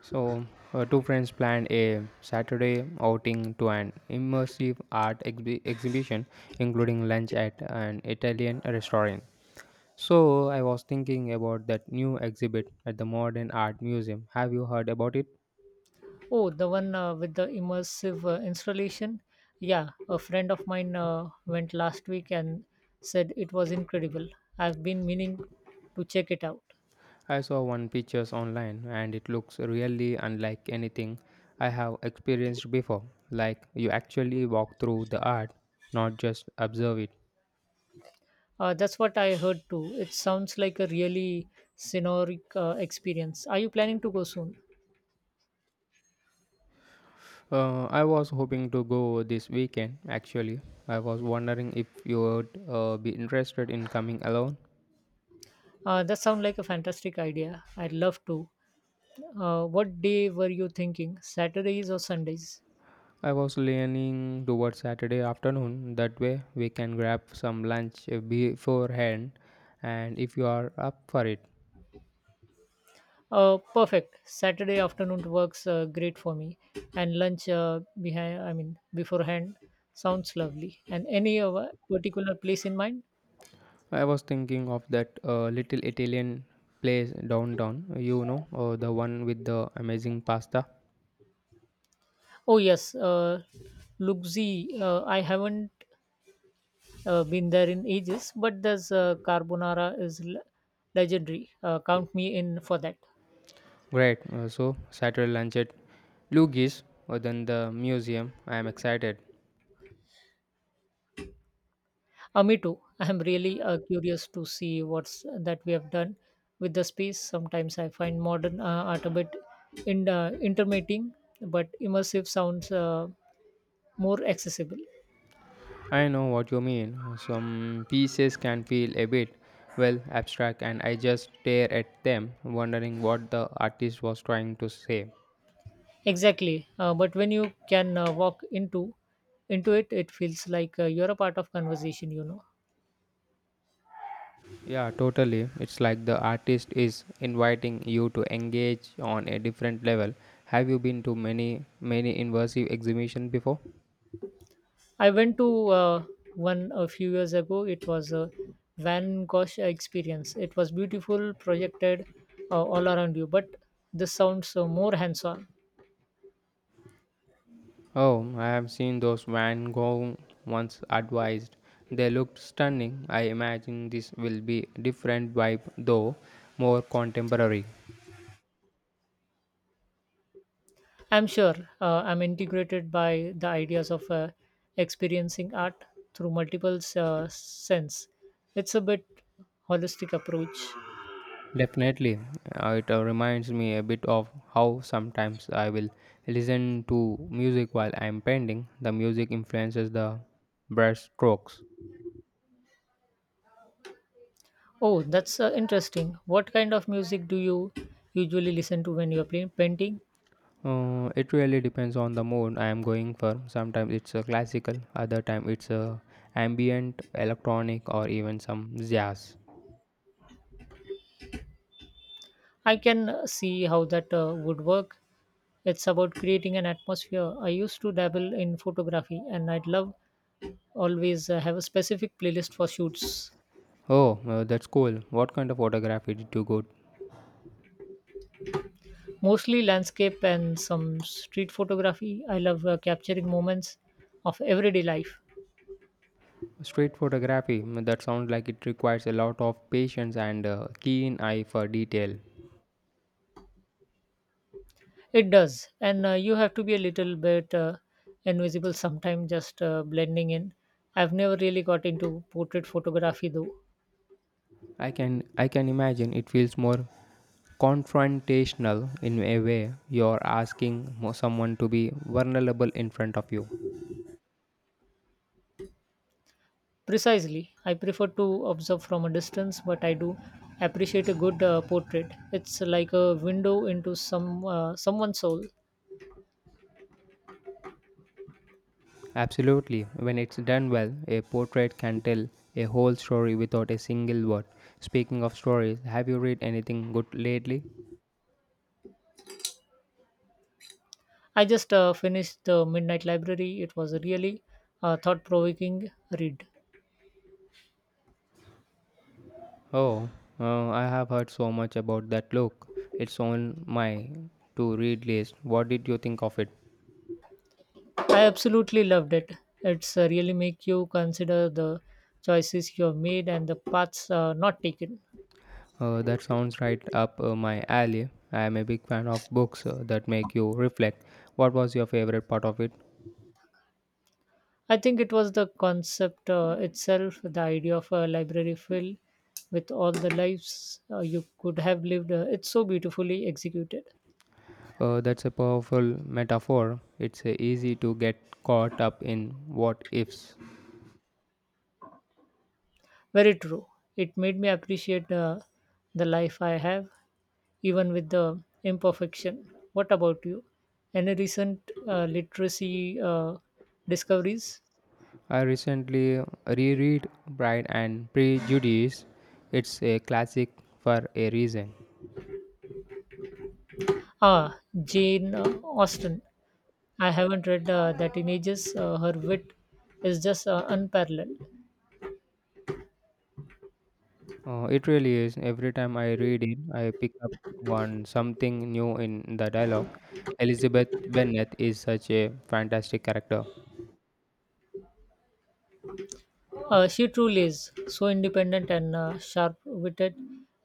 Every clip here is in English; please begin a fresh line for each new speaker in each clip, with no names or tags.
So, two friends planned a Saturday outing to an immersive art exhibition, including lunch at an Italian restaurant. So, I was thinking about that new exhibit at the Modern Art Museum. Have you heard about it?
Oh, the one with the immersive installation. Yeah, a friend of mine went last week and said it was incredible. I've been meaning to check it out.
I saw one pictures online and it looks really unlike anything I have experienced before. Like you actually walk through the art, not just observe it.
That's what I heard too. It sounds like a really scenic experience. Are you planning to go soon?
I was hoping to go this weekend, actually. I was wondering if you would be interested in coming alone.
That sounds like a fantastic idea. I'd love to. What day were you thinking? Saturdays or Sundays?
I was leaning towards Saturday afternoon, that way we can grab some lunch beforehand, and if you are up for it.
Perfect. Saturday afternoon works great for me, and lunch beforehand sounds lovely. And any of a particular place in mind?
I was thinking of that little Italian place downtown, the one with the amazing pasta.
Oh yes, Lugzi. I haven't been there in ages, but this carbonara is legendary. Count me in for that.
Great, so Saturday lunch at Lugis, or then the museum. I am excited.
Me too. I'm really curious to see what's that we have done with the space. Sometimes I find modern art a bit intermitting, but immersive sounds more accessible.
I know what you mean. Some pieces can feel a bit, well, abstract, and I just stare at them, wondering what the artist was trying to say.
Exactly. But when you can walk into it, it feels like you're a part of conversation.
Yeah, totally. It's like the artist is inviting you to engage on a different level. Have you been to many immersive exhibitions before?
I went to one a few years ago. It was a Van Gogh experience. It was beautiful, projected all around you, but this sounds more hands-on.
Oh, I have seen those Van Gogh once advised. They looked stunning. I imagine this will be different vibe though, more contemporary.
I'm sure I'm integrated by the ideas of experiencing art through multiple sense. It's a bit holistic approach.
Definitely, it reminds me a bit of how sometimes I will listen to music while I'm painting. The music influences the brush strokes.
Oh, that's interesting. What kind of music do you usually listen to when you're playing painting?
It really depends on the mood I am going for. Sometimes it's a classical, other time it's a ambient, electronic, or even some jazz.
I can see how that would work. It's about creating an atmosphere. I used to dabble in photography, and I'd love always have a specific playlist for shoots.
Oh, that's cool. What kind of photography did you go?
Mostly landscape and some street photography. I love capturing moments of everyday life.
Street photography. That sounds like it requires a lot of patience and keen eye for detail.
It does. And you have to be a little bit invisible sometimes, just blending in. I've never really got into portrait photography though.
I can imagine it feels more confrontational in a way you're asking someone to be vulnerable in front of you.
Precisely. I prefer to observe from a distance, but I do appreciate a good portrait. It's like a window into someone's soul.
Absolutely. When it's done well, a portrait can tell a whole story without a single word. Speaking of stories, have you read anything good lately?
I just finished the Midnight Library. It was a really thought-provoking read.
Oh, I have heard so much about that look. It's on my to read list. What did you think of it?
I absolutely loved it. It's really make you consider the choices you have made and the paths not taken.
That sounds right up my alley. I am a big fan of books that make you reflect. What was your favorite part of it?
I think it was the concept itself, the idea of a library filled with all the lives you could have lived. It's so beautifully executed.
That's a powerful metaphor. It's easy to get caught up in what ifs.
Very true. It made me appreciate the life I have, even with the imperfection. What about you? Any recent literacy discoveries?
I recently reread Pride and Prejudice. It's a classic for a reason.
Ah, Jane Austen. I haven't read that in ages. Her wit is just unparalleled.
It really is. Every time I read it, I pick up on something new in the dialogue. Elizabeth Bennet is such a fantastic character.
She truly is so independent and sharp witted,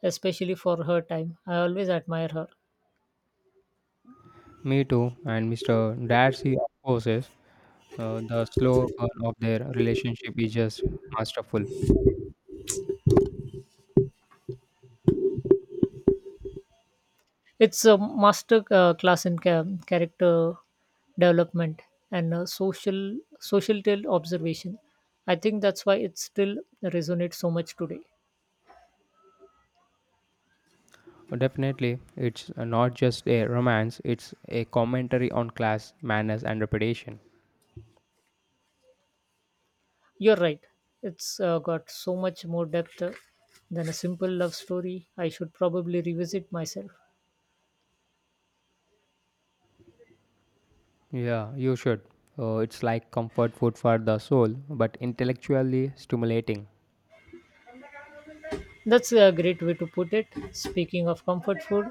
especially for her time. I always admire her.
Me too. And Mr. Darcy, of course, the slow burn of their relationship is just masterful.
It's a master class in character development and social tale observation. I think that's why it still resonates so much today.
Definitely, it's not just a romance, it's a commentary on class, manners, and reputation.
You're right. It's got so much more depth than a simple love story. I should probably revisit myself.
Yeah, you should. It's like comfort food for the soul, but intellectually stimulating.
That's a great way to put it. Speaking of comfort food,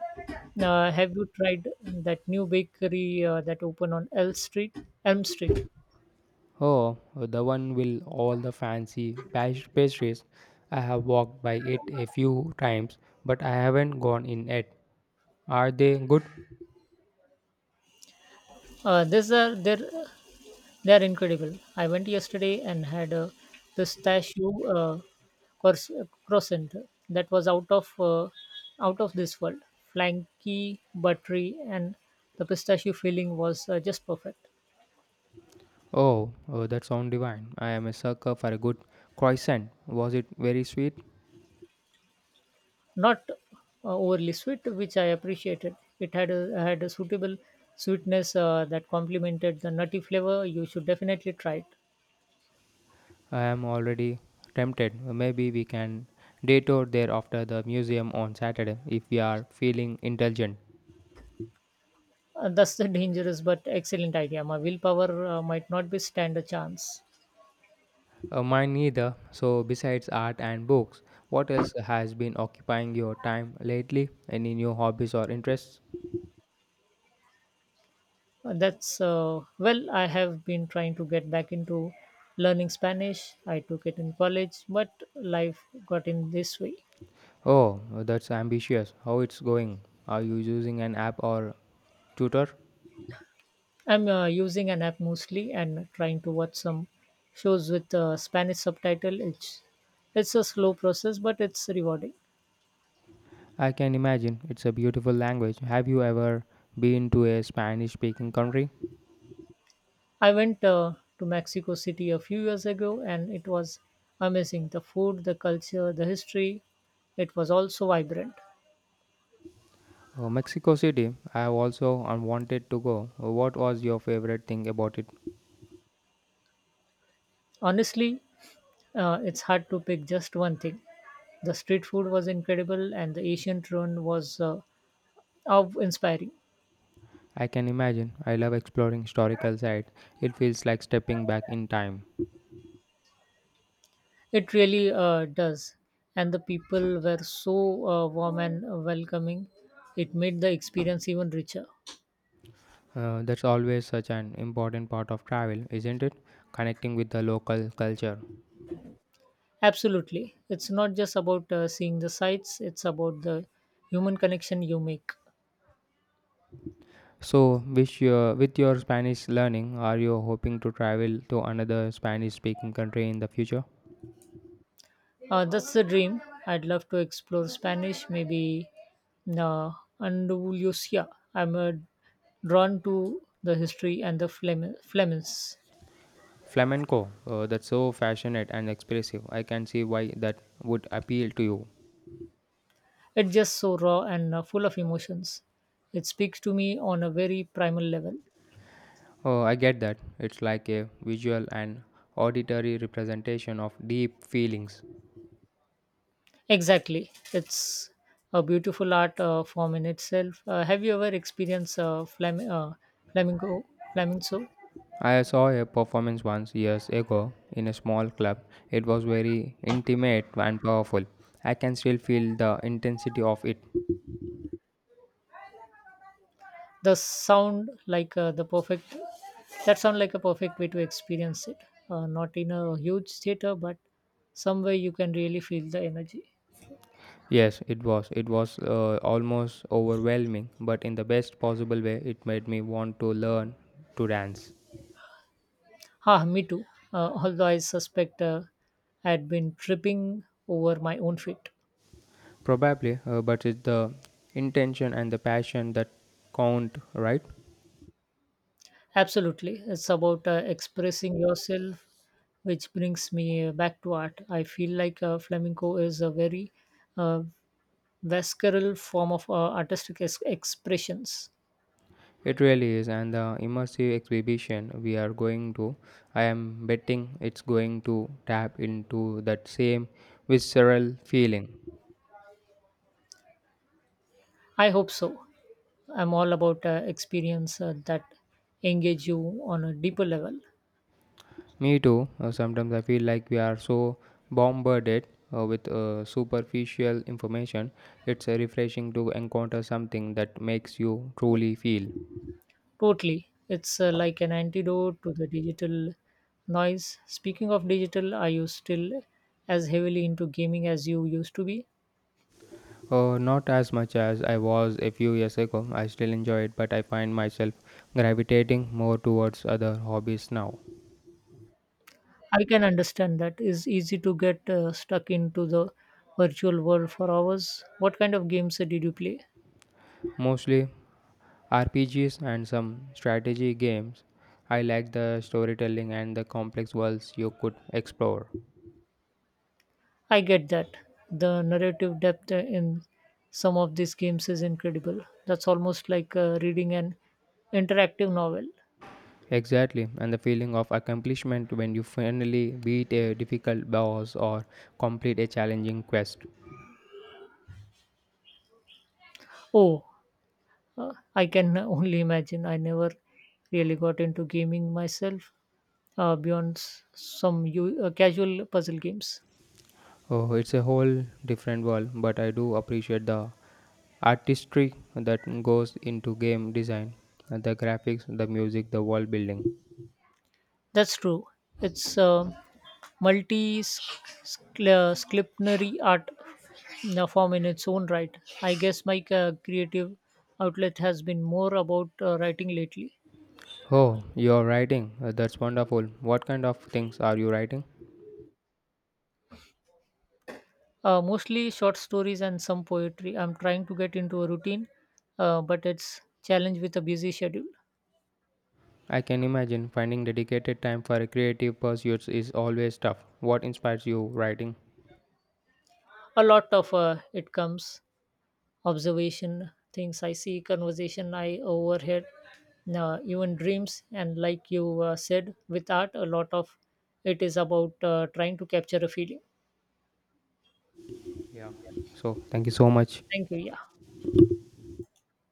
have you tried that new bakery that opened on Elm Street? Elm Street.
Oh, the one with all the fancy pastries. I have walked by it a few times, but I haven't gone in yet. Are they good?
There's a there They are incredible. I went yesterday and had a pistachio cors- croissant that was out of this world, flaky, buttery, and the pistachio filling was just perfect.
Oh, that sounds divine. I am a sucker for a good croissant. Was it very sweet?
Not overly sweet, which I appreciated. It had a suitable sweetness that complemented the nutty flavor. You should definitely try it.
I am already tempted. Maybe we can detour there after the museum on Saturday if we are feeling intelligent.
That's the dangerous but excellent idea. My willpower might not be stand a chance.
Mine neither. So, besides art and books, what else has been occupying your time lately? Any new hobbies or interests?
That's well, I have been trying to get back into learning Spanish. I took it in college, but life got in this way.
Oh, that's ambitious. How it's going? Are you using an app or tutor?
I'm using an app mostly and trying to watch some shows with Spanish subtitle. It's a slow process, but it's rewarding.
I can imagine it's a beautiful language. Have you ever been to a Spanish speaking country?
I went to Mexico City a few years ago, and it was amazing. The food, the culture, the history. It was also vibrant.
Mexico City, I have also wanted to go. What was your favorite thing about it?
Honestly, it's hard to pick just one thing. The street food was incredible, and the ancient ruin was awe-inspiring.
I can imagine. I love exploring historical sites. It feels like stepping back in time.
It really does. And the people were so warm and welcoming. It made the experience even richer.
That's always such an important part of travel, isn't it? Connecting with the local culture.
Absolutely. It's not just about seeing the sights, it's about the human connection you make.
So, with your Spanish learning, are you hoping to travel to another Spanish speaking country in the future?
That's the dream. I'd love to explore Spanish, maybe uh, Andalusia. I'm drawn to the history and the Flemens.
Flamenco, that's so passionate and expressive. I can see why that would appeal to you.
It's just so raw and full of emotions. It speaks to me on a very primal level.
Oh, I get that. It's like a visual and auditory representation of deep feelings.
Exactly. It's a beautiful art form in itself. Have you ever experienced flamingo, flamenco?
I saw a performance once years ago in a small club. It was very intimate and powerful. I can still feel the intensity of it.
The sound like the perfect, that sound like a perfect way to experience it. Not in a huge theater, but somewhere you can really feel the energy.
Yes, it was. It was almost overwhelming, but in the best possible way, it made me want to learn to dance.
Ah, me too. Although I suspect I had been tripping over my own feet.
Probably, but it's the intention and the passion that count, right?
Absolutely. It's about expressing yourself, which brings me back to art. I feel like flamenco is a very uh, visceral form of artistic expressions.
It really is, and the immersive exhibition we are going to, I am betting it's going to tap into that same visceral feeling.
I hope so. I'm all about experience that engage you on a deeper level.
Me too, sometimes I feel like we are so bombarded with superficial information, it's refreshing to encounter something that makes you truly feel.
Totally. It's like an antidote to the digital noise. Speaking of digital, are you still as heavily into gaming as you used to be?
Not as much as I was a few years ago. I still enjoy it, but I find myself gravitating more towards other hobbies now.
I can understand that. It's easy to get stuck into the virtual world for hours. What kind of games did you play?
Mostly RPGs and some strategy games. I like the storytelling and the complex worlds you could explore.
I get that. The narrative depth in some of these games is incredible. That's almost like reading an interactive novel.
Exactly, and the feeling of accomplishment when you finally beat a difficult boss or complete a challenging quest.
Oh, I can only imagine. I never really got into gaming myself beyond casual puzzle games.
Oh, it's a whole different world, but I do appreciate the artistry that goes into game design, the graphics, the music, the world building.
That's true. It's multi disciplinary art form in its own right. I guess my creative outlet has been more about writing lately.
Oh, you're writing. That's wonderful. What kind of things are you writing?
Mostly short stories and some poetry. I'm trying to get into a routine, but it's challenge with a busy schedule.
I can imagine finding dedicated time for creative pursuits is always tough. What inspires you writing?
A lot of it comes observation, things I see, conversation I overheard, even dreams. And like you said, with art, a lot of it is about trying to capture a feeling.
Yeah. So, thank you so much.
Thank you. Yeah.